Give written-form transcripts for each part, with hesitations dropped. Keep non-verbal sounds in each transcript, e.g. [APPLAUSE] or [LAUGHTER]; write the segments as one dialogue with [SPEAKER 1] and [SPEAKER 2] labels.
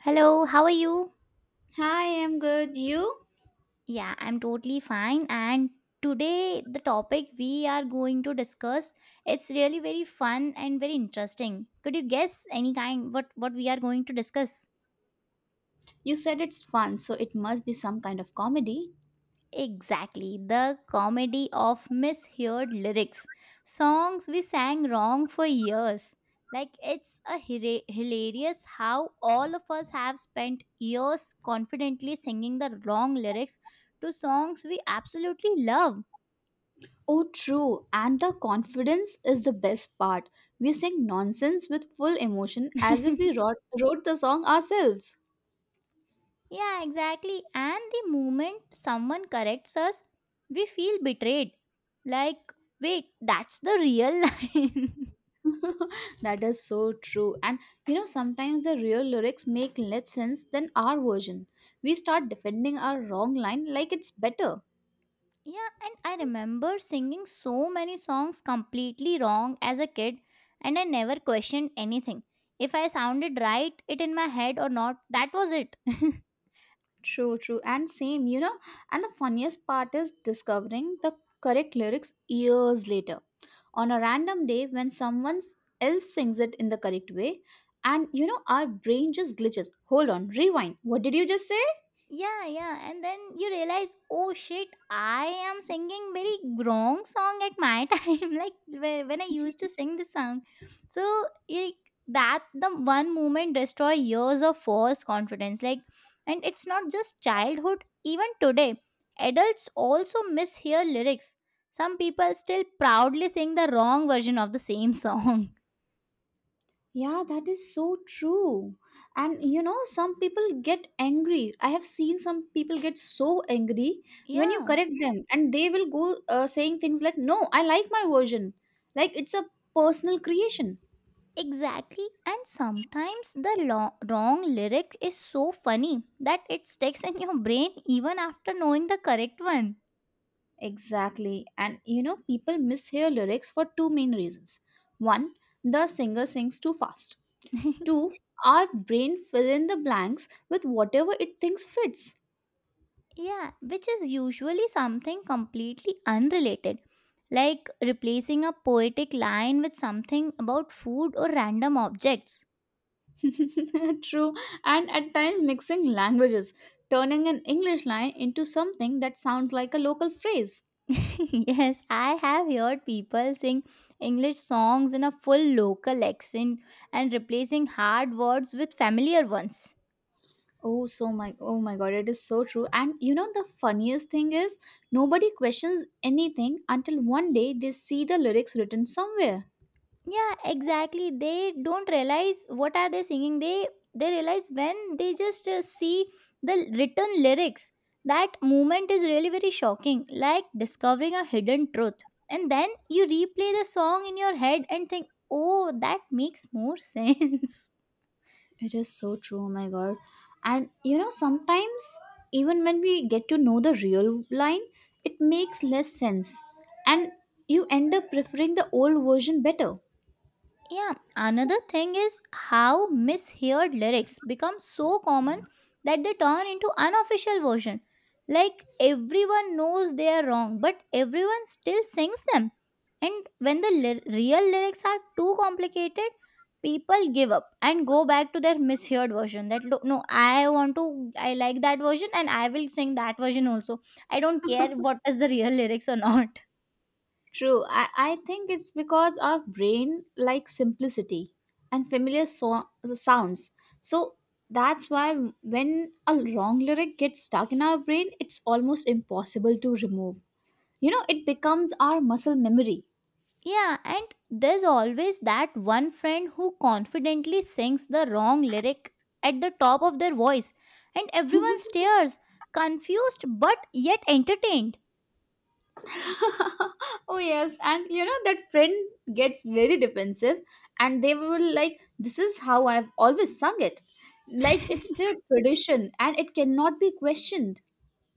[SPEAKER 1] Hello, how are you?
[SPEAKER 2] Hi, I'm good. You?
[SPEAKER 1] Yeah, I'm totally fine and today the topic we are going to discuss it's really very fun and very interesting. Could you guess any kind what we are going to discuss?
[SPEAKER 2] You said it's fun, so it must be some kind of comedy.
[SPEAKER 1] Exactly, the comedy of misheard lyrics. Songs we sang wrong for years. Like it's a hilarious how all of us have spent years confidently singing the wrong lyrics to songs we absolutely love.
[SPEAKER 2] Oh, true. And the confidence is the best part. We sing nonsense with full emotion as if we
[SPEAKER 1] [LAUGHS]
[SPEAKER 2] wrote the song ourselves.
[SPEAKER 1] Yeah, exactly. And the moment someone corrects us, we feel betrayed. Like, wait, that's the real [LAUGHS] line.
[SPEAKER 2] [LAUGHS] That is so true. And you know, sometimes the real lyrics make less sense than our version. We start defending our wrong line like it's better.
[SPEAKER 1] Yeah, and I remember singing so many songs completely wrong as a kid, and I never questioned anything. If I sounded right, it in my head or not, that was it. [LAUGHS]
[SPEAKER 2] True, true. And same, you know. And the funniest part is discovering the correct lyrics years later on a random day when someone else sings it in the correct way. And you know, our brain just glitches. Hold on, rewind. What did you just say?
[SPEAKER 1] Yeah, yeah. And then you realize, oh shit, I am singing very wrong song at my [LAUGHS] time. Like when I used to sing this song. So that the one moment destroy years of false confidence. Like, and it's not just childhood. Even today, adults also mishear lyrics. Some people still proudly sing the wrong version of the same song. [LAUGHS]
[SPEAKER 2] Yeah, that is so true. And you know, some people get angry. I have seen some people get so angry when you
[SPEAKER 1] Yeah.
[SPEAKER 2] correct them, and they will go saying things like, "No, I like my version." Like it's a personal creation.
[SPEAKER 1] Exactly, and sometimes the wrong lyric is so funny that it sticks in your brain even after knowing the correct one.
[SPEAKER 2] Exactly. And you know, people mishear lyrics for two main reasons. One, the singer sings too fast.
[SPEAKER 1] [LAUGHS]
[SPEAKER 2] Two, our brain fill in the blanks with whatever it thinks fits.
[SPEAKER 1] Yeah, which is usually something completely unrelated, like replacing a poetic line with something about food or random objects.
[SPEAKER 2] [LAUGHS] True, and at times mixing languages, turning an English line into something that sounds like a local phrase.
[SPEAKER 1] [LAUGHS] Yes, I have heard people sing English songs in a full local accent and replacing hard words with familiar ones.
[SPEAKER 2] Oh, so my oh my god, it is so true. And you know the funniest thing is nobody questions anything until one day they see the lyrics written somewhere.
[SPEAKER 1] Yeah, exactly, they don't realize what are they singing. They realize when they just see the written lyrics. That moment is really very shocking, like discovering a hidden truth. And then you replay the song in your head and think, oh, that makes more [LAUGHS] sense.
[SPEAKER 2] It is so true, oh my god. And you know, sometimes even when we get to know the real line, it makes less sense. And you end up preferring the old version better.
[SPEAKER 1] Yeah, another thing is how misheard lyrics become so common that they turn into unofficial version. Like everyone knows they are wrong, but everyone still sings them. And when the real lyrics are too complicated, people give up and go back to their misheard version. That "Look, no, I want to, I like that version, and I will sing that version also. I don't care what is the real lyrics or not."
[SPEAKER 2] True. I think it's because our brain likes simplicity and familiar sounds. So that's why when a wrong lyric gets stuck in our brain, it's almost impossible to remove. You know, it becomes our muscle memory.
[SPEAKER 1] Yeah, and there's always that one friend who confidently sings the wrong lyric at the top of their voice, and everyone stares, confused but yet entertained.
[SPEAKER 2] [LAUGHS] Oh yes, and you know that friend gets very defensive, and they will like, "this is how I've always sung it," like it's their tradition and it cannot be questioned.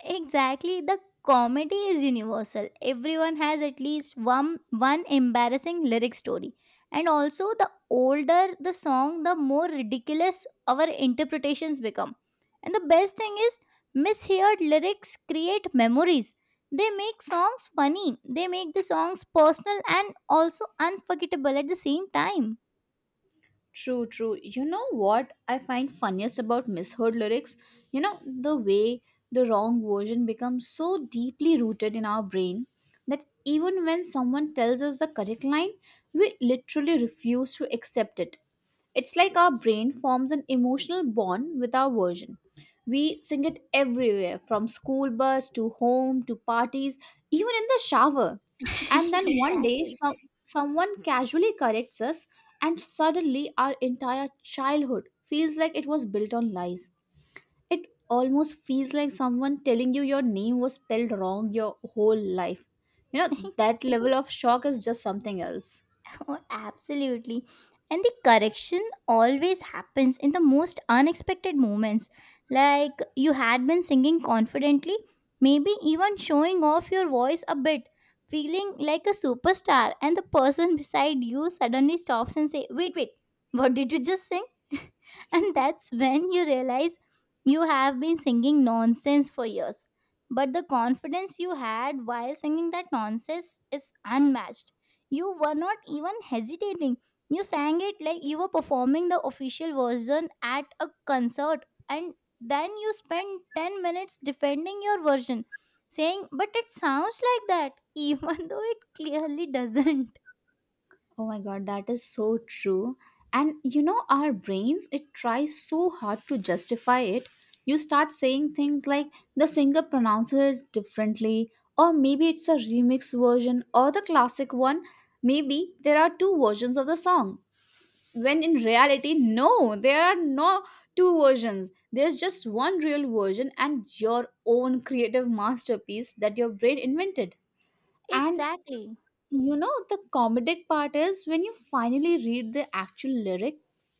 [SPEAKER 1] Exactly. The comedy is universal. Everyone has at least one embarrassing lyric story. And also the older the song, the more ridiculous our interpretations become. And the best thing is misheard lyrics create memories. They make songs funny. They make the songs personal and also unforgettable at the same time.
[SPEAKER 2] True, true. You know what I find funniest about misheard lyrics? You know, the way the wrong version becomes so deeply rooted in our brain that even when someone tells us the correct line, we literally refuse to accept it. It's like our brain forms an emotional bond with our version. We sing it everywhere from school bus to home to parties, even in the shower. And
[SPEAKER 1] [LAUGHS]
[SPEAKER 2] then one day,
[SPEAKER 1] Exactly.
[SPEAKER 2] someone casually corrects us, and suddenly our entire childhood feels like it was built on lies. It almost feels like someone telling you your name was spelled wrong your whole life. You know, that level of shock is just something else.
[SPEAKER 1] [LAUGHS] Oh, absolutely. And the correction always happens in the most unexpected moments. Like you had been singing confidently, maybe even showing off your voice a bit, feeling like a superstar, and the person [LAUGHS] beside you suddenly stops and say, "Wait, wait, what did you just sing?" [LAUGHS] And that's when you realize you have been singing nonsense for years. But the confidence you had while singing that nonsense is unmatched. You were not even hesitating. You sang it like you were performing the official version at a concert, and then you spent 10 minutes defending your version, saying, "But it sounds like that," [LAUGHS] even though it clearly doesn't.
[SPEAKER 2] Oh my god, that is so true. And you know, our brains, it tries so hard to justify it. You start saying things like the singer pronounces it differently, or maybe it's a remix version, or the classic one. Maybe there are two versions of the song. When in reality, no, there are no two versions. There's just one real version and your own creative masterpiece that your brain invented. And
[SPEAKER 1] Exactly.
[SPEAKER 2] you know, the comedic part is when you finally read the actual lyric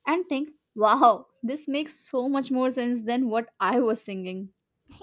[SPEAKER 2] and think, wow, this makes so much more sense than what I was singing.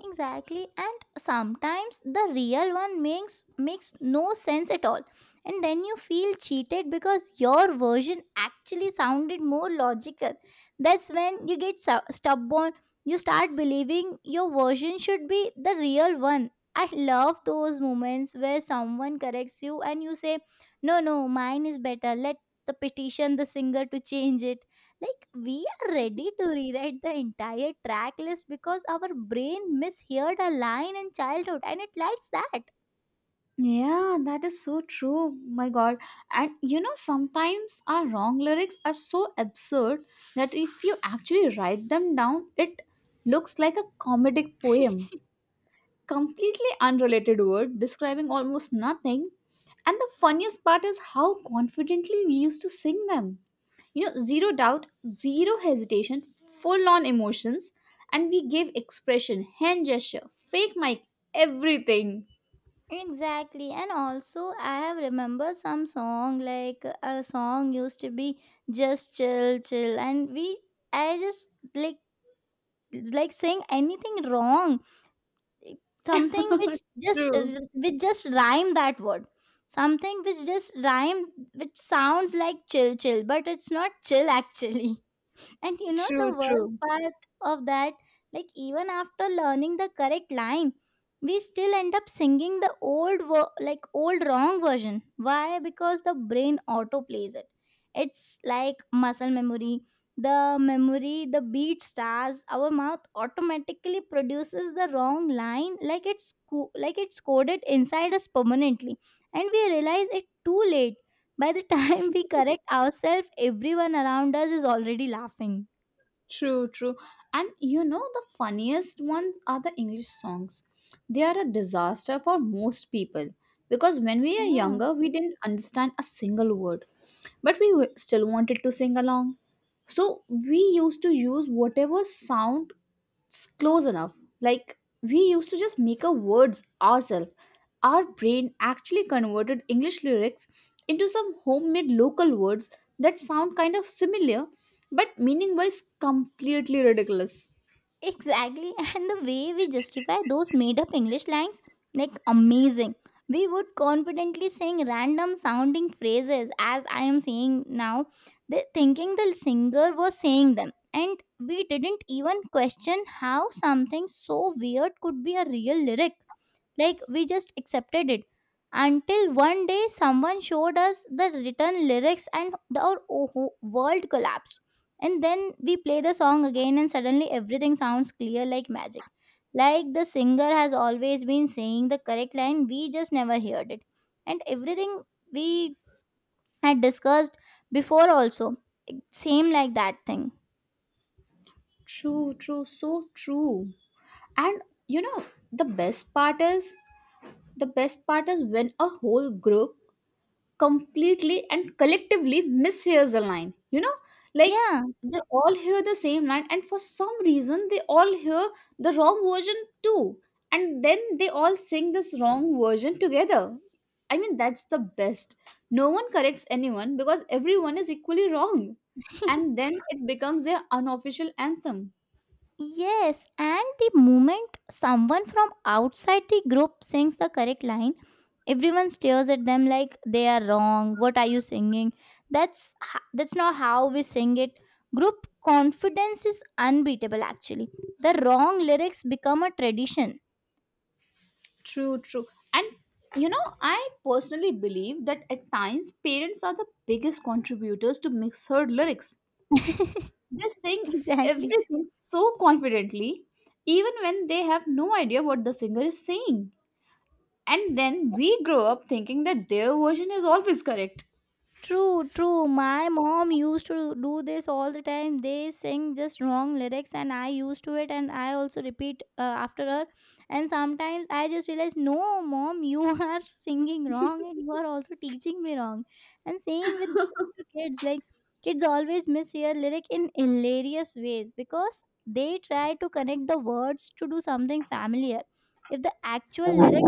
[SPEAKER 1] Exactly, and sometimes the real one makes no sense at all, and then you feel cheated because your version actually sounded more logical. That's when you get stubborn. You start believing your version should be the real one. I love those moments where someone corrects you and you say, no, no, mine is better. Let the petition the singer to change it. Like we are ready to rewrite the entire track list because our brain misheard a line in childhood and it likes that.
[SPEAKER 2] Yeah, that is so true. My God. And you know, sometimes our wrong lyrics are so absurd that if you actually write them down, it looks like a comedic poem. Completely unrelated word describing almost nothing. And the funniest part is how confidently we used to sing them. You know, zero doubt, zero hesitation, full on emotions, and we gave expression, hand gesture, fake mic, everything.
[SPEAKER 1] Exactly, and also I have remembered some song, like a song used to be just chill, chill, and we, I just, like like saying anything wrong, something which
[SPEAKER 2] [LAUGHS]
[SPEAKER 1] just,
[SPEAKER 2] true,
[SPEAKER 1] which just rhyme that word, something which just rhyme, which sounds like chill, chill, but it's not chill actually. And you know the
[SPEAKER 2] true,
[SPEAKER 1] worst
[SPEAKER 2] true.
[SPEAKER 1] part of that, like even after learning the correct line, we still end up singing the old like old wrong version. Why? Because the brain auto plays it. It's like muscle memory. The memory, the beat stars, our mouth automatically produces the wrong line like it's like it's coded inside us permanently. And we realize it too late. By the time [LAUGHS] we correct ourselves, everyone around us is already laughing.
[SPEAKER 2] True, true. And you know, the funniest ones are the English songs. They are a disaster for most people because when we were
[SPEAKER 1] Yeah,
[SPEAKER 2] younger, we didn't understand a single word, but still wanted to sing along. So we used to use whatever sound it's close enough. Like we used to just make up words ourselves. Our brain actually converted English lyrics into some homemade local words that sound kind of similar but meaning wise completely ridiculous.
[SPEAKER 1] exactly. [LAUGHS] And the way we justify those made up English lines, like amazing. We would confidently sing random sounding phrases as I am saying now, they, thinking the singer was saying them. And we didn't even question how something so weird could be a real lyric. Like we just accepted it until one day someone showed us the written lyrics and the, our whole world collapsed. And then we play the song again and suddenly everything sounds clear like magic. Like the singer has always been saying the correct line, we just never heard it. And everything we had discussed before also, it seemed like that thing.
[SPEAKER 2] True, true, so true. And you know, the best part is the best part is when a whole group completely and collectively mishears the line. You know, like
[SPEAKER 1] Yeah,
[SPEAKER 2] they all hear the same line, and for some reason, they all hear the wrong version too. And then they all sing this wrong version together. I mean, that's the best. No one corrects anyone because everyone is equally wrong. And then it becomes their unofficial anthem.
[SPEAKER 1] yes. And the moment someone from outside the group sings the correct line, everyone stares at them like they are wrong. What are you singing? That's not how we sing it. Group confidence is unbeatable actually. The wrong lyrics become a tradition.
[SPEAKER 2] True, true. And you know, I personally believe that at times parents are the biggest contributors to misheard lyrics.
[SPEAKER 1] [LAUGHS]
[SPEAKER 2] They're saying
[SPEAKER 1] Exactly.
[SPEAKER 2] everything so confidently, even when they have no idea what the singer is saying. And then we grow up thinking that their version is always correct.
[SPEAKER 1] True, true. My mom used to do this all the time. They sing just wrong lyrics, and I used to it, and I also repeat after her. And sometimes I just realize, no, mom, you [LAUGHS] are singing wrong, and you are also teaching me wrong. And same with the kids. Like kids always mishear lyric in hilarious ways because they try to connect the words to do something familiar. If the actual lyric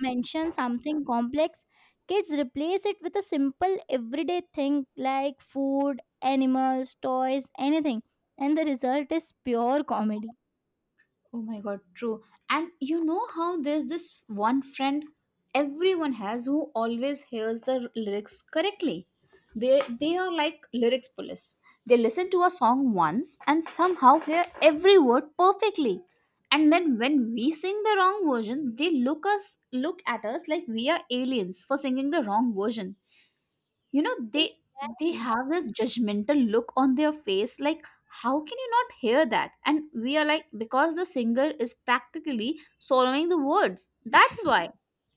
[SPEAKER 1] mention something complex, kids replace it with a simple everyday thing like food, animals, toys, anything. And the result is pure comedy.
[SPEAKER 2] Oh my god, true. And you know how there's this one friend everyone has who always hears the lyrics correctly. They are like lyrics police. They listen to a song once and somehow hear every word perfectly. And then when we sing the wrong version, they look us look at us like we are aliens for singing the wrong version. You know, they
[SPEAKER 1] Exactly.
[SPEAKER 2] have this judgmental look on their face like, "how can you not hear that?" And we are like, because the singer is practically swallowing the words. That's
[SPEAKER 1] [LAUGHS]
[SPEAKER 2] why.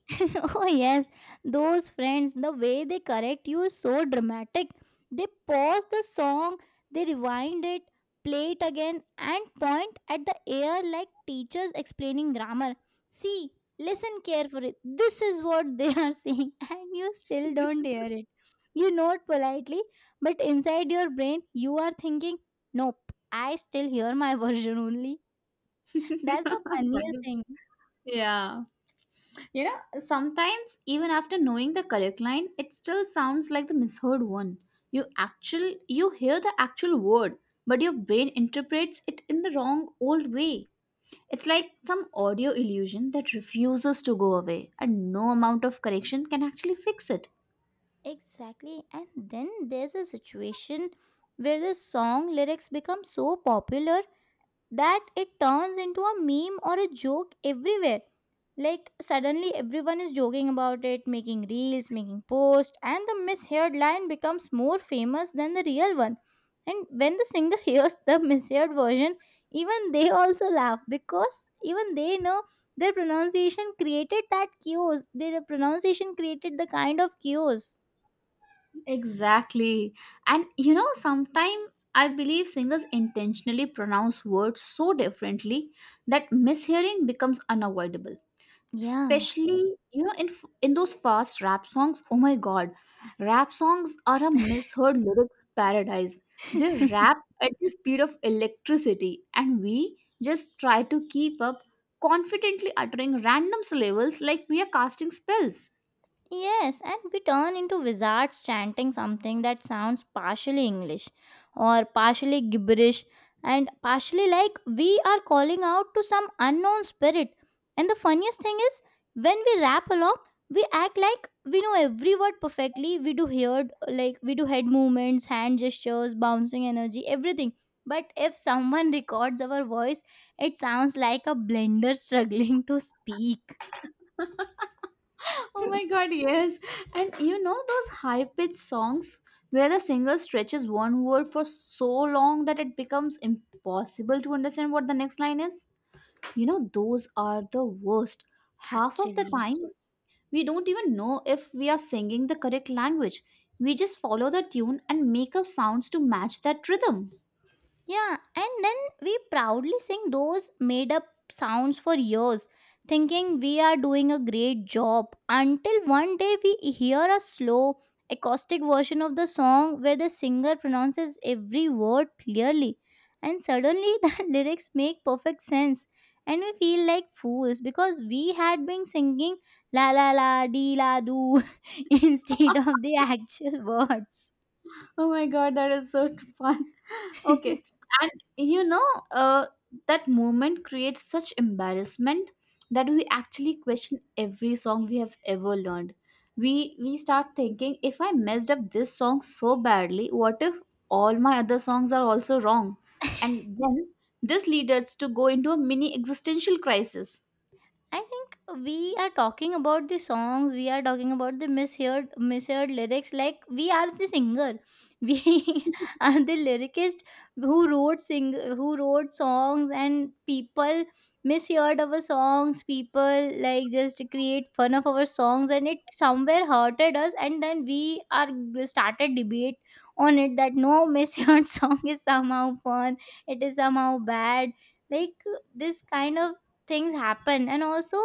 [SPEAKER 1] [LAUGHS] Oh yes, those friends, the way they correct you is so dramatic. They pause the song, they rewind it, play it again, and point at the air like teachers explaining grammar. See, listen carefully, this is what they are [LAUGHS] saying, and you still don't hear it. You nod politely, but inside your brain you are thinking, nope, I still hear my [LAUGHS] version only.
[SPEAKER 2] [LAUGHS]
[SPEAKER 1] That's the
[SPEAKER 2] That
[SPEAKER 1] funniest
[SPEAKER 2] is-
[SPEAKER 1] thing.
[SPEAKER 2] yeah, you know, sometimes even after knowing the correct line, it still sounds like the misheard one. you actual you hear the actual word, but your brain interprets it in the wrong old way. It's like some audio illusion that refuses to go away, and no amount of correction can actually fix it.
[SPEAKER 1] Exactly. And then there's a situation where the song lyrics become so popular that it turns into a meme or a joke everywhere. Like, suddenly everyone is joking about it, making reels, making posts, and the misheard line becomes more famous than the real one. And when the singer [LAUGHS] hears the misheard version, even they also laugh because even they know their pronunciation created that chaos. Their pronunciation created the kind of chaos.
[SPEAKER 2] Exactly. And you know, sometimes I believe singers intentionally pronounce words so differently that mishearing becomes unavoidable.
[SPEAKER 1] Yeah.
[SPEAKER 2] Especially, you know, in those fast rap songs, oh my god. Rap songs are a
[SPEAKER 1] [LAUGHS]
[SPEAKER 2] misheard lyrics paradise. They rap at the speed of electricity, and we just try to keep up, confidently uttering random syllables like we are casting spells.
[SPEAKER 1] Yes, and we turn into wizards chanting something that sounds partially English or partially gibberish and partially like we are calling out to some unknown spirit. And the funniest thing is, when we rap along, we act like we know every word perfectly. We do heard like we do head movements, hand gestures, bouncing energy, everything. But if someone [LAUGHS] records our voice, it sounds like a blender struggling to speak.
[SPEAKER 2] Oh my
[SPEAKER 1] [LAUGHS]
[SPEAKER 2] god, yes. And you know those high pitched songs where the singer stretches one word for so long that it becomes impossible to understand what the next line is. You know, those are the worst. Half of the
[SPEAKER 1] Actually,
[SPEAKER 2] time, we don't even know if we are singing the correct language. We just follow the tune and make up sounds to match that rhythm.
[SPEAKER 1] yeah, and then we proudly sing those made up sounds for years, thinking we are doing a great job until one day we hear a slow, acoustic version of the song where the singer pronounces every word clearly, and suddenly [LAUGHS] the lyrics make perfect sense. And we feel like fools because we had been singing la la la dee la doo [LAUGHS] instead of the actual words.
[SPEAKER 2] Oh my god, that is so [LAUGHS] fun. Okay.
[SPEAKER 1] [LAUGHS]
[SPEAKER 2] And you know, uh, that moment creates such embarrassment that we actually question every song we have ever learned. We start thinking, if I messed up this song so badly, what if all my other songs are also wrong? And then this leads us to go into a mini existential crisis.
[SPEAKER 1] I think we are talking about the songs, we are talking about the misheard lyrics. Like we are the singer. [LAUGHS] We are the lyricist who wrote sing who wrote songs and people misheard our songs, people like just create fun of our songs and it somewhere hurted us and then we are started debate on it that no misheard [LAUGHS] song is somehow fun, it is somehow bad. Like this kind of things happen, and also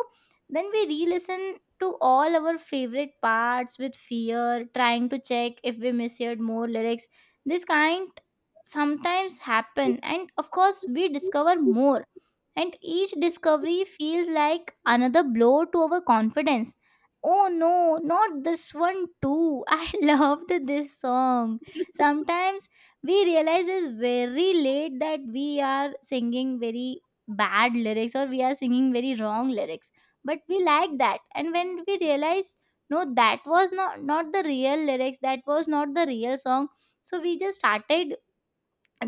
[SPEAKER 1] then we re-listen to all our favorite parts with fear, trying to check if we misheard more lyrics. This kind sometimes happen, and of course we discover more, and each discovery feels like another blow to our confidence. Oh no, not this one too. [LAUGHS] I loved this song. Sometimes we realize is very late that we are singing very bad lyrics, or we are singing very wrong lyrics, but we like that. And when we realize no, that was not the real lyrics, that was not the real song, so we just started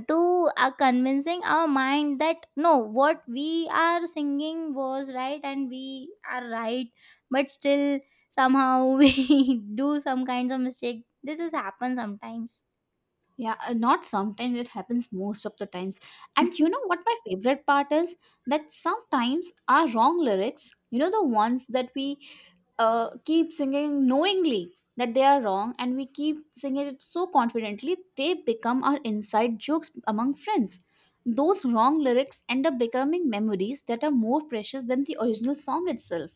[SPEAKER 1] to convincing our mind that no, what we are singing was right and we are right. But still, somehow, [LAUGHS] we do some kinds of mistake. This has happened sometimes.
[SPEAKER 2] Yeah, not sometimes, it happens most of the times. And you know what my favorite part is? That sometimes our wrong lyrics, you know, the ones that we keep singing knowingly that they are wrong, and we keep singing it so confidently, they become our inside jokes among friends. Those wrong lyrics end up becoming memories that are more precious than the original song itself.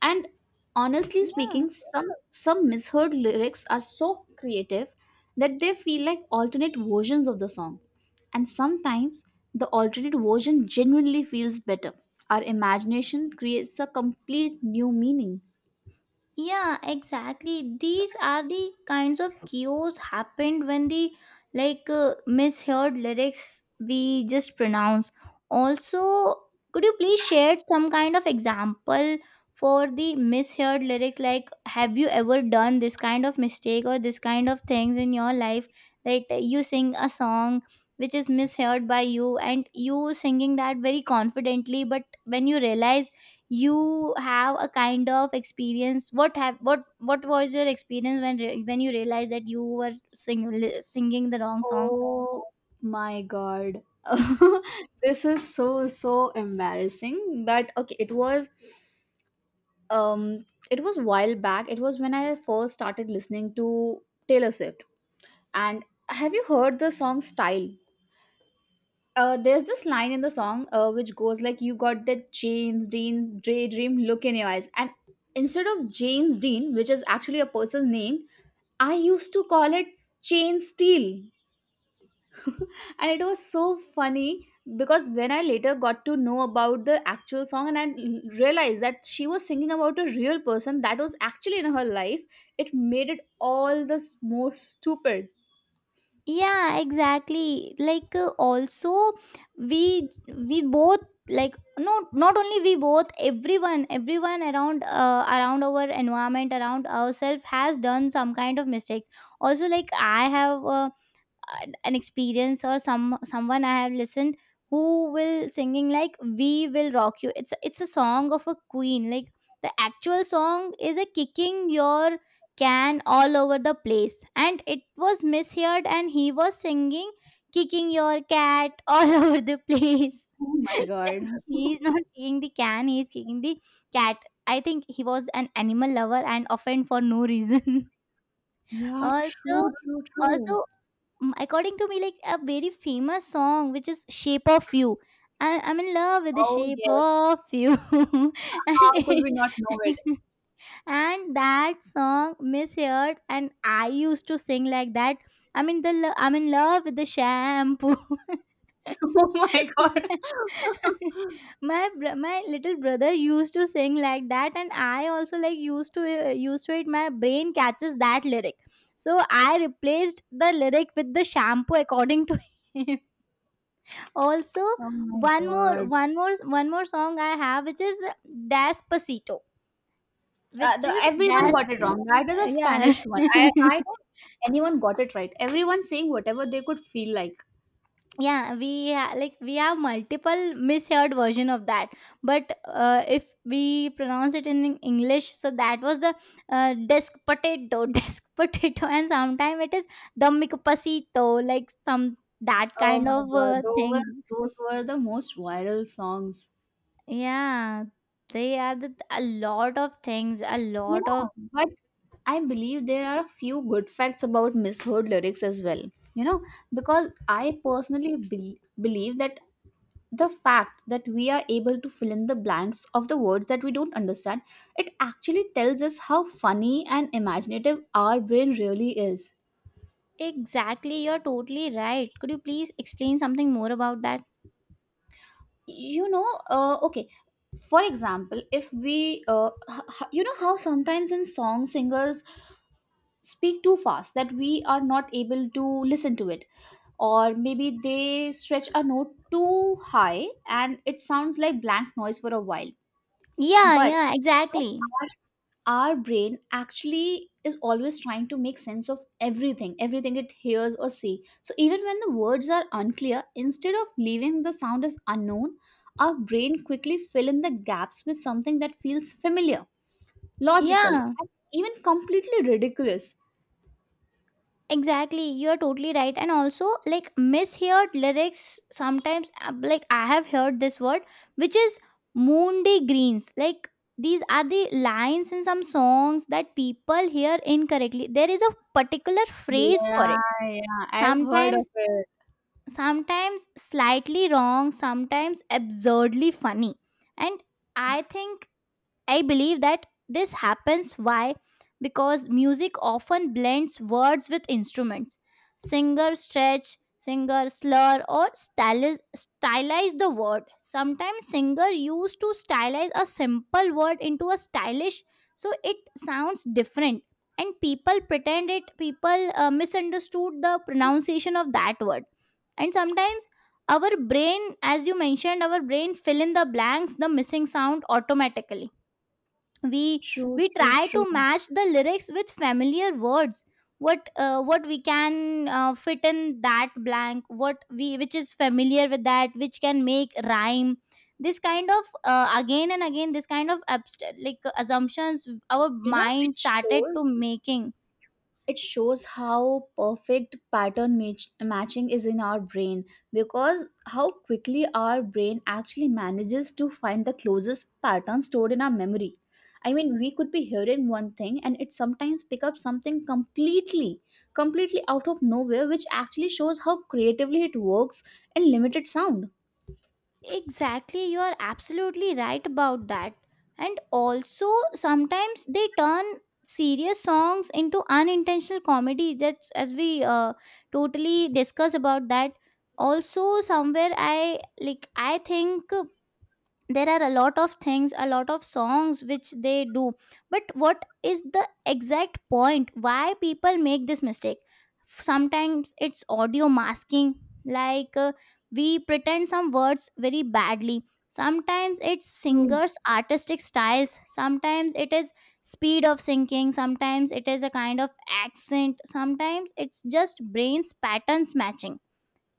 [SPEAKER 2] And honestly
[SPEAKER 1] Yeah.
[SPEAKER 2] speaking, some misheard lyrics are so creative that they feel like alternate versions of the song. And sometimes the alternate version genuinely feels better. Our imagination creates a complete new meaning.
[SPEAKER 1] Yeah, exactly. These are the kinds of chaos happened when the, like, misheard lyrics we just pronounce. Also, could you please share some kind of example for the misheard lyrics? Like, have you ever done this kind of mistake or this kind of things in your life that you sing a song which is misheard by you, and you singing that very confidently, but when you realize you have a kind of experience, what have, what was your experience when when you realized that you were singing the wrong song?
[SPEAKER 2] Oh my god.
[SPEAKER 1] [LAUGHS]
[SPEAKER 2] [LAUGHS] This is so so embarrassing, but okay, um it was while back. It was when I first started listening to Taylor Swift. And have you heard the song Style? There's this line in the song which goes like, "You got that James Dean daydream look in your eyes." And instead of James Dean, which is actually a person's name, I used to call it Chain Steel. And it was so funny because when I later got to know about the actual song and realized that she was singing about a real person that was actually in her life, it made it all the more stupid.
[SPEAKER 1] Yeah, exactly. Like, also we we both, like, no, not only we both, everyone around, around our environment, around ourselves, has done some kind of mistakes. Also, like, I have, an experience, or some, someone I have listened who will singing like "We Will Rock You." It's a song of a queen. Like, the actual song is a kicking your can all over the place, and it was misheard, and he was singing kicking your cat all [LAUGHS] over the place.
[SPEAKER 2] Oh
[SPEAKER 1] [LAUGHS]
[SPEAKER 2] my god.
[SPEAKER 1] Like, he's not kicking the can, he's kicking the cat. I think he was an animal lover and offend for no reason. [LAUGHS]
[SPEAKER 2] Yeah, true,
[SPEAKER 1] Also,
[SPEAKER 2] true, true.
[SPEAKER 1] also mm, according to me, like, a very famous song which is Shape of You. I, I'm in love with the
[SPEAKER 2] Oh
[SPEAKER 1] shape
[SPEAKER 2] yes.
[SPEAKER 1] of you. [LAUGHS] And
[SPEAKER 2] How could we
[SPEAKER 1] it-
[SPEAKER 2] not know it?
[SPEAKER 1] [LAUGHS] and that song misheard, and I used to sing like that, I mean, the I'm in love with the shampoo.
[SPEAKER 2] [LAUGHS] oh my god.
[SPEAKER 1] [LAUGHS] My my little brother used to sing like that, and I also, like, used to, used to it, my brain catches that lyric. So I replaced the lyric with the shampoo, according to him. [LAUGHS] Also,
[SPEAKER 2] Oh my
[SPEAKER 1] one more
[SPEAKER 2] God.
[SPEAKER 1] one more one more song I have, which is Despacito, which
[SPEAKER 2] The,
[SPEAKER 1] is,
[SPEAKER 2] everyone
[SPEAKER 1] that's,
[SPEAKER 2] got it wrong. That is a
[SPEAKER 1] yeah.
[SPEAKER 2] Spanish one. I
[SPEAKER 1] [LAUGHS]
[SPEAKER 2] I don't think anyone got it right. Everyone saying whatever they could feel like.
[SPEAKER 1] Yeah, we like, we have multiple misheard version of that. But if we pronounce it in English, so that was the, desk potato. [LAUGHS] Desk potato, and sometimes it is Domicopacito, like some, that
[SPEAKER 2] Oh
[SPEAKER 1] kind
[SPEAKER 2] my
[SPEAKER 1] of
[SPEAKER 2] god,
[SPEAKER 1] things.
[SPEAKER 2] those were the most viral songs.
[SPEAKER 1] Yeah, they are the, a lot of things, a
[SPEAKER 2] You
[SPEAKER 1] lot of,
[SPEAKER 2] know, but I believe there are a few good facts about misheard lyrics as well. You know, because I personally believe that the fact that we are able to fill in the blanks of the words that we don't understand, it actually tells us how funny and imaginative our brain really is.
[SPEAKER 1] exactly, you're totally right. Could you please explain something more about that?
[SPEAKER 2] You know, okay, for example, if we you know how sometimes in song singers speak too fast that we are not able to listen to it, or maybe they stretch a note too high and it sounds like blank noise for a while.
[SPEAKER 1] Yeah,
[SPEAKER 2] But
[SPEAKER 1] yeah, exactly.
[SPEAKER 2] our brain actually is always trying to make sense of everything it hears or see. So even when the words are unclear, instead of leaving the sound as unknown, our brain quickly fill in the gaps with something that feels familiar, logical,
[SPEAKER 1] Yeah,
[SPEAKER 2] and even completely ridiculous.
[SPEAKER 1] exactly. You're totally right. And also, like, misheard lyrics sometimes, like, I have heard this word, which is Monday greens. Like, these are the lines in some songs that people hear incorrectly. There is a particular phrase for it.
[SPEAKER 2] Yeah, yeah, I've heard of
[SPEAKER 1] Sometimes,
[SPEAKER 2] it.
[SPEAKER 1] sometimes slightly wrong, sometimes absurdly funny. And I think, I believe that this happens why, because music often blends words with instruments. Singer stretch, singer slur or stylize, stylize the word. Sometimes singer used to stylize a simple word into a stylish, so it sounds different, and people pretend it, people misunderstood the pronunciation of that word. And sometimes our brain, as you mentioned, our brain fill in the blanks, the missing sound automatically. we
[SPEAKER 2] True,
[SPEAKER 1] we
[SPEAKER 2] true,
[SPEAKER 1] try to
[SPEAKER 2] true.
[SPEAKER 1] match the lyrics with familiar words, what, what we can, fit in that blank, what we, which is familiar with that, which can make rhyme. This kind of, again and again, this kind of like, assumptions our
[SPEAKER 2] You know,
[SPEAKER 1] mind started to making.
[SPEAKER 2] it shows how perfect matching is in our brain, because how quickly our brain actually manages to find the closest pattern stored in our memory. I mean, we could be hearing one thing, and it sometimes pick up something completely out of nowhere, which actually shows how creatively it works in limited sound.
[SPEAKER 1] Exactly, you are absolutely right about that. And also, sometimes they turn serious songs into unintentional comedy. That's, as we, totally discuss about that. Also, somewhere I, like, I think there are a lot of things, a lot of songs which they do, but what is the exact point why people make this mistake? Sometimes it's audio masking, like, we pretend some words very badly. Sometimes it's
[SPEAKER 2] True.
[SPEAKER 1] singers artistic styles, sometimes it is speed of singing, sometimes it is a kind of accent, sometimes it's just brains patterns matching.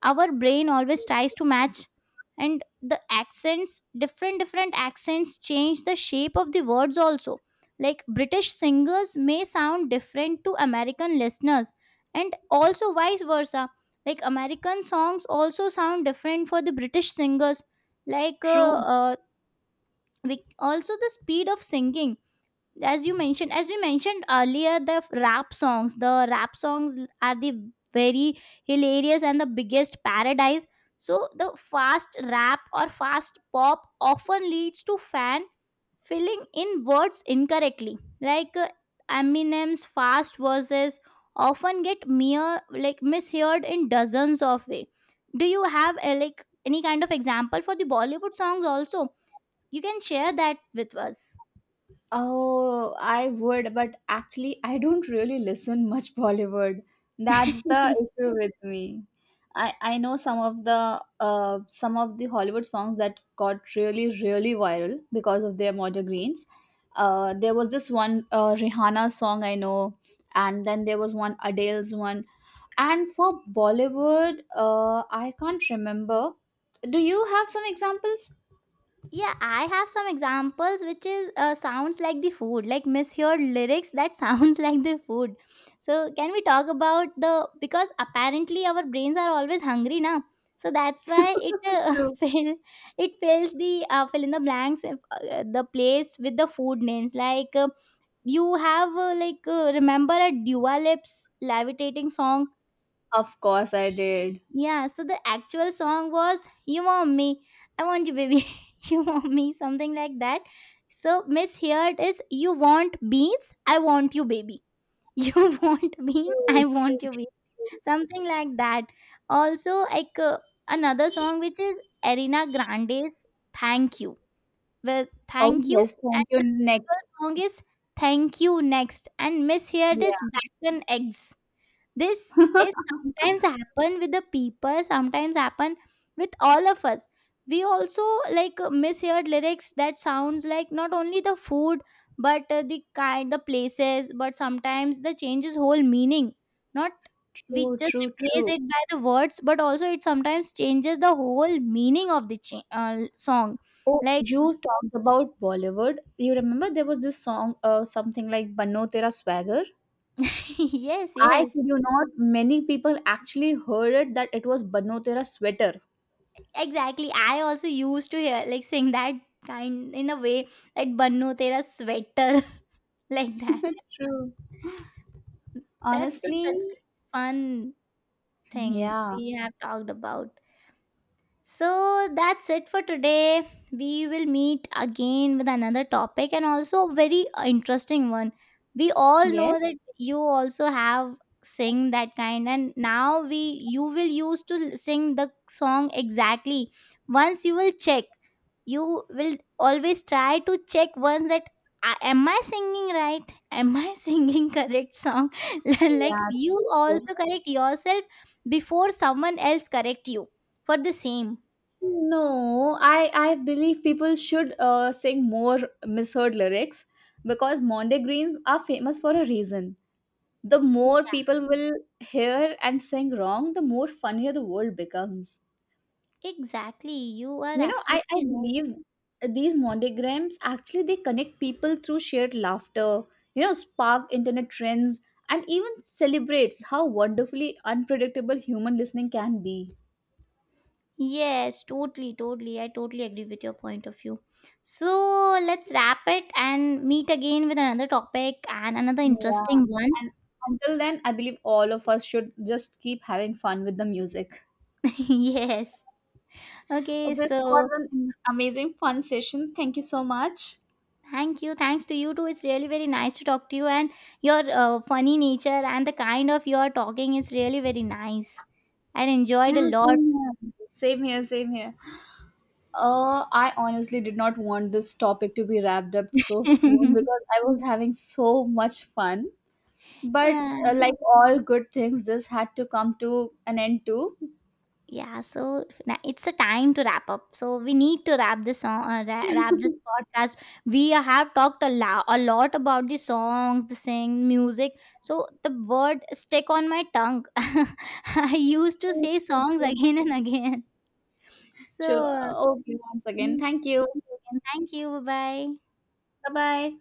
[SPEAKER 1] Our brain always tries to match, and the accents, different accents change the shape of the words also. Like, british singers may sound different to american listeners, and also vice versa. Like, american songs also sound different for the british singers. Like,
[SPEAKER 2] True.
[SPEAKER 1] we, also the speed of singing, as you mentioned, as we mentioned earlier, the rap songs, the rap songs are the very hilarious and the biggest paradise. So the fast rap or fast pop often leads to fan filling in words incorrectly, like, Eminem's fast verses often get mere, like, misheard in dozens of way. Do you have, like, any kind of example for the bollywood songs also? You can share that with us.
[SPEAKER 2] Oh, I would, but actually, I don't really listen much [LAUGHS] Bollywood. That's the
[SPEAKER 1] [LAUGHS]
[SPEAKER 2] issue with me. I know some of the Hollywood songs that got really really viral because of their modern greens. There was this one Rihanna song I know, and then there was one Adele's one. And for Bollywood, I can't remember. Do you have some examples?
[SPEAKER 1] Yeah, I have some examples which is, sounds like the food, like misheard lyrics that sounds [LAUGHS] like the food. So can we talk about the, because apparently our brains are always hungry now. So that's why it,
[SPEAKER 2] [LAUGHS] True.
[SPEAKER 1] [LAUGHS] fill, it fills the, fill in the blanks, the place with the food names, like, you have, like, remember a Dua Lips Levitating song.
[SPEAKER 2] Of course, I did.
[SPEAKER 1] Yeah, so the actual song was You Want Me, I Want You Baby, [LAUGHS] You Want Me, something like that. So Miss Heard is You Want Beans, I Want You Baby. [LAUGHS] You want beans, I
[SPEAKER 2] True,
[SPEAKER 1] want you
[SPEAKER 2] true.
[SPEAKER 1] baby. Something like that. Also, like, another song, which is Arena Grande's Thank You. Well,
[SPEAKER 2] Oh,
[SPEAKER 1] Thank You.
[SPEAKER 2] yes, thank
[SPEAKER 1] And
[SPEAKER 2] you.
[SPEAKER 1] the actual
[SPEAKER 2] Next,
[SPEAKER 1] song is Thank You Next. And Miss Here it is
[SPEAKER 2] yeah.
[SPEAKER 1] Bacon Eggs. This is
[SPEAKER 2] [LAUGHS]
[SPEAKER 1] sometimes happen with the people, sometimes happen with all of us. We also, like, misheard lyrics that sounds like not only the food, but the kind, the places, but sometimes the changes whole meaning. Not we
[SPEAKER 2] True,
[SPEAKER 1] just
[SPEAKER 2] true,
[SPEAKER 1] replace
[SPEAKER 2] true.
[SPEAKER 1] it by the words, but also it sometimes changes the whole meaning of the song.
[SPEAKER 2] Oh,
[SPEAKER 1] Like,
[SPEAKER 2] you talked about Bollywood. You remember there was this song, something like Bano Tera Swagger?
[SPEAKER 1] [LAUGHS] yes,
[SPEAKER 2] I
[SPEAKER 1] yes.
[SPEAKER 2] kid you not, many people actually heard it that it was Bano Tera Sweater.
[SPEAKER 1] Exactly, I also used to hear, like, sing that kind in a way, like "Bannu Tera Sweater," [LAUGHS] like that.
[SPEAKER 2] True.
[SPEAKER 1] That's a,
[SPEAKER 2] Honestly,
[SPEAKER 1] such a fun thing
[SPEAKER 2] yeah.
[SPEAKER 1] we have talked about. So that's it for today. We will meet again with another topic and also a very interesting one. We all know
[SPEAKER 2] Yes.
[SPEAKER 1] that you also have sing that kind, and now we, you will use to sing the song exactly. Once you will check, you will always try to check once that "Ah, am I singing right? Am I [LAUGHS] singing correct song?" [LAUGHS] Like,
[SPEAKER 2] Yeah,
[SPEAKER 1] you
[SPEAKER 2] true, true.
[SPEAKER 1] also correct yourself before someone else correct you for the same.
[SPEAKER 2] No, I believe people should sing more misheard lyrics because Mondegrains are famous for a reason. The more
[SPEAKER 1] Yeah,
[SPEAKER 2] people will hear and sing wrong, the more funnier the world becomes.
[SPEAKER 1] exactly. You are
[SPEAKER 2] You know, I
[SPEAKER 1] absolutely right.
[SPEAKER 2] believe these monograms actually they connect people through shared laughter, you know, spark internet trends, and even celebrates how wonderfully unpredictable human listening can be.
[SPEAKER 1] Yes, totally, totally. I totally agree with your point of view. So let's wrap it and meet again with another topic and another
[SPEAKER 2] Yeah.
[SPEAKER 1] interesting one.
[SPEAKER 2] And until then, I believe all of us should just keep having fun with the music.
[SPEAKER 1] [LAUGHS] Yes.
[SPEAKER 2] Oh,
[SPEAKER 1] Okay,
[SPEAKER 2] this
[SPEAKER 1] so
[SPEAKER 2] was an amazing fun session. Thank you so much.
[SPEAKER 1] thank you. Thanks to you too. It's really very nice to talk to you, and your funny nature and the kind of your talking is really very nice. I
[SPEAKER 2] Yeah,
[SPEAKER 1] enjoyed a lot.
[SPEAKER 2] same here. Same here, same here. I honestly did not want this topic to be wrapped up so [LAUGHS] soon because
[SPEAKER 1] [LAUGHS]
[SPEAKER 2] I was having so much fun. But
[SPEAKER 1] Yeah.
[SPEAKER 2] like all good things, this had to come to an end too.
[SPEAKER 1] Yeah, so it's a time to wrap up. So we need to wrap this song, wrap this podcast. We have talked a lot about the songs, the sing, music. So the word stick on my tongue. [LAUGHS] I used to
[SPEAKER 2] True,
[SPEAKER 1] say
[SPEAKER 2] true,
[SPEAKER 1] songs
[SPEAKER 2] true.
[SPEAKER 1] again and again. So
[SPEAKER 2] True. Okay, once again,
[SPEAKER 1] mm,
[SPEAKER 2] thank you.
[SPEAKER 1] thank you. Bye bye.
[SPEAKER 2] Bye bye.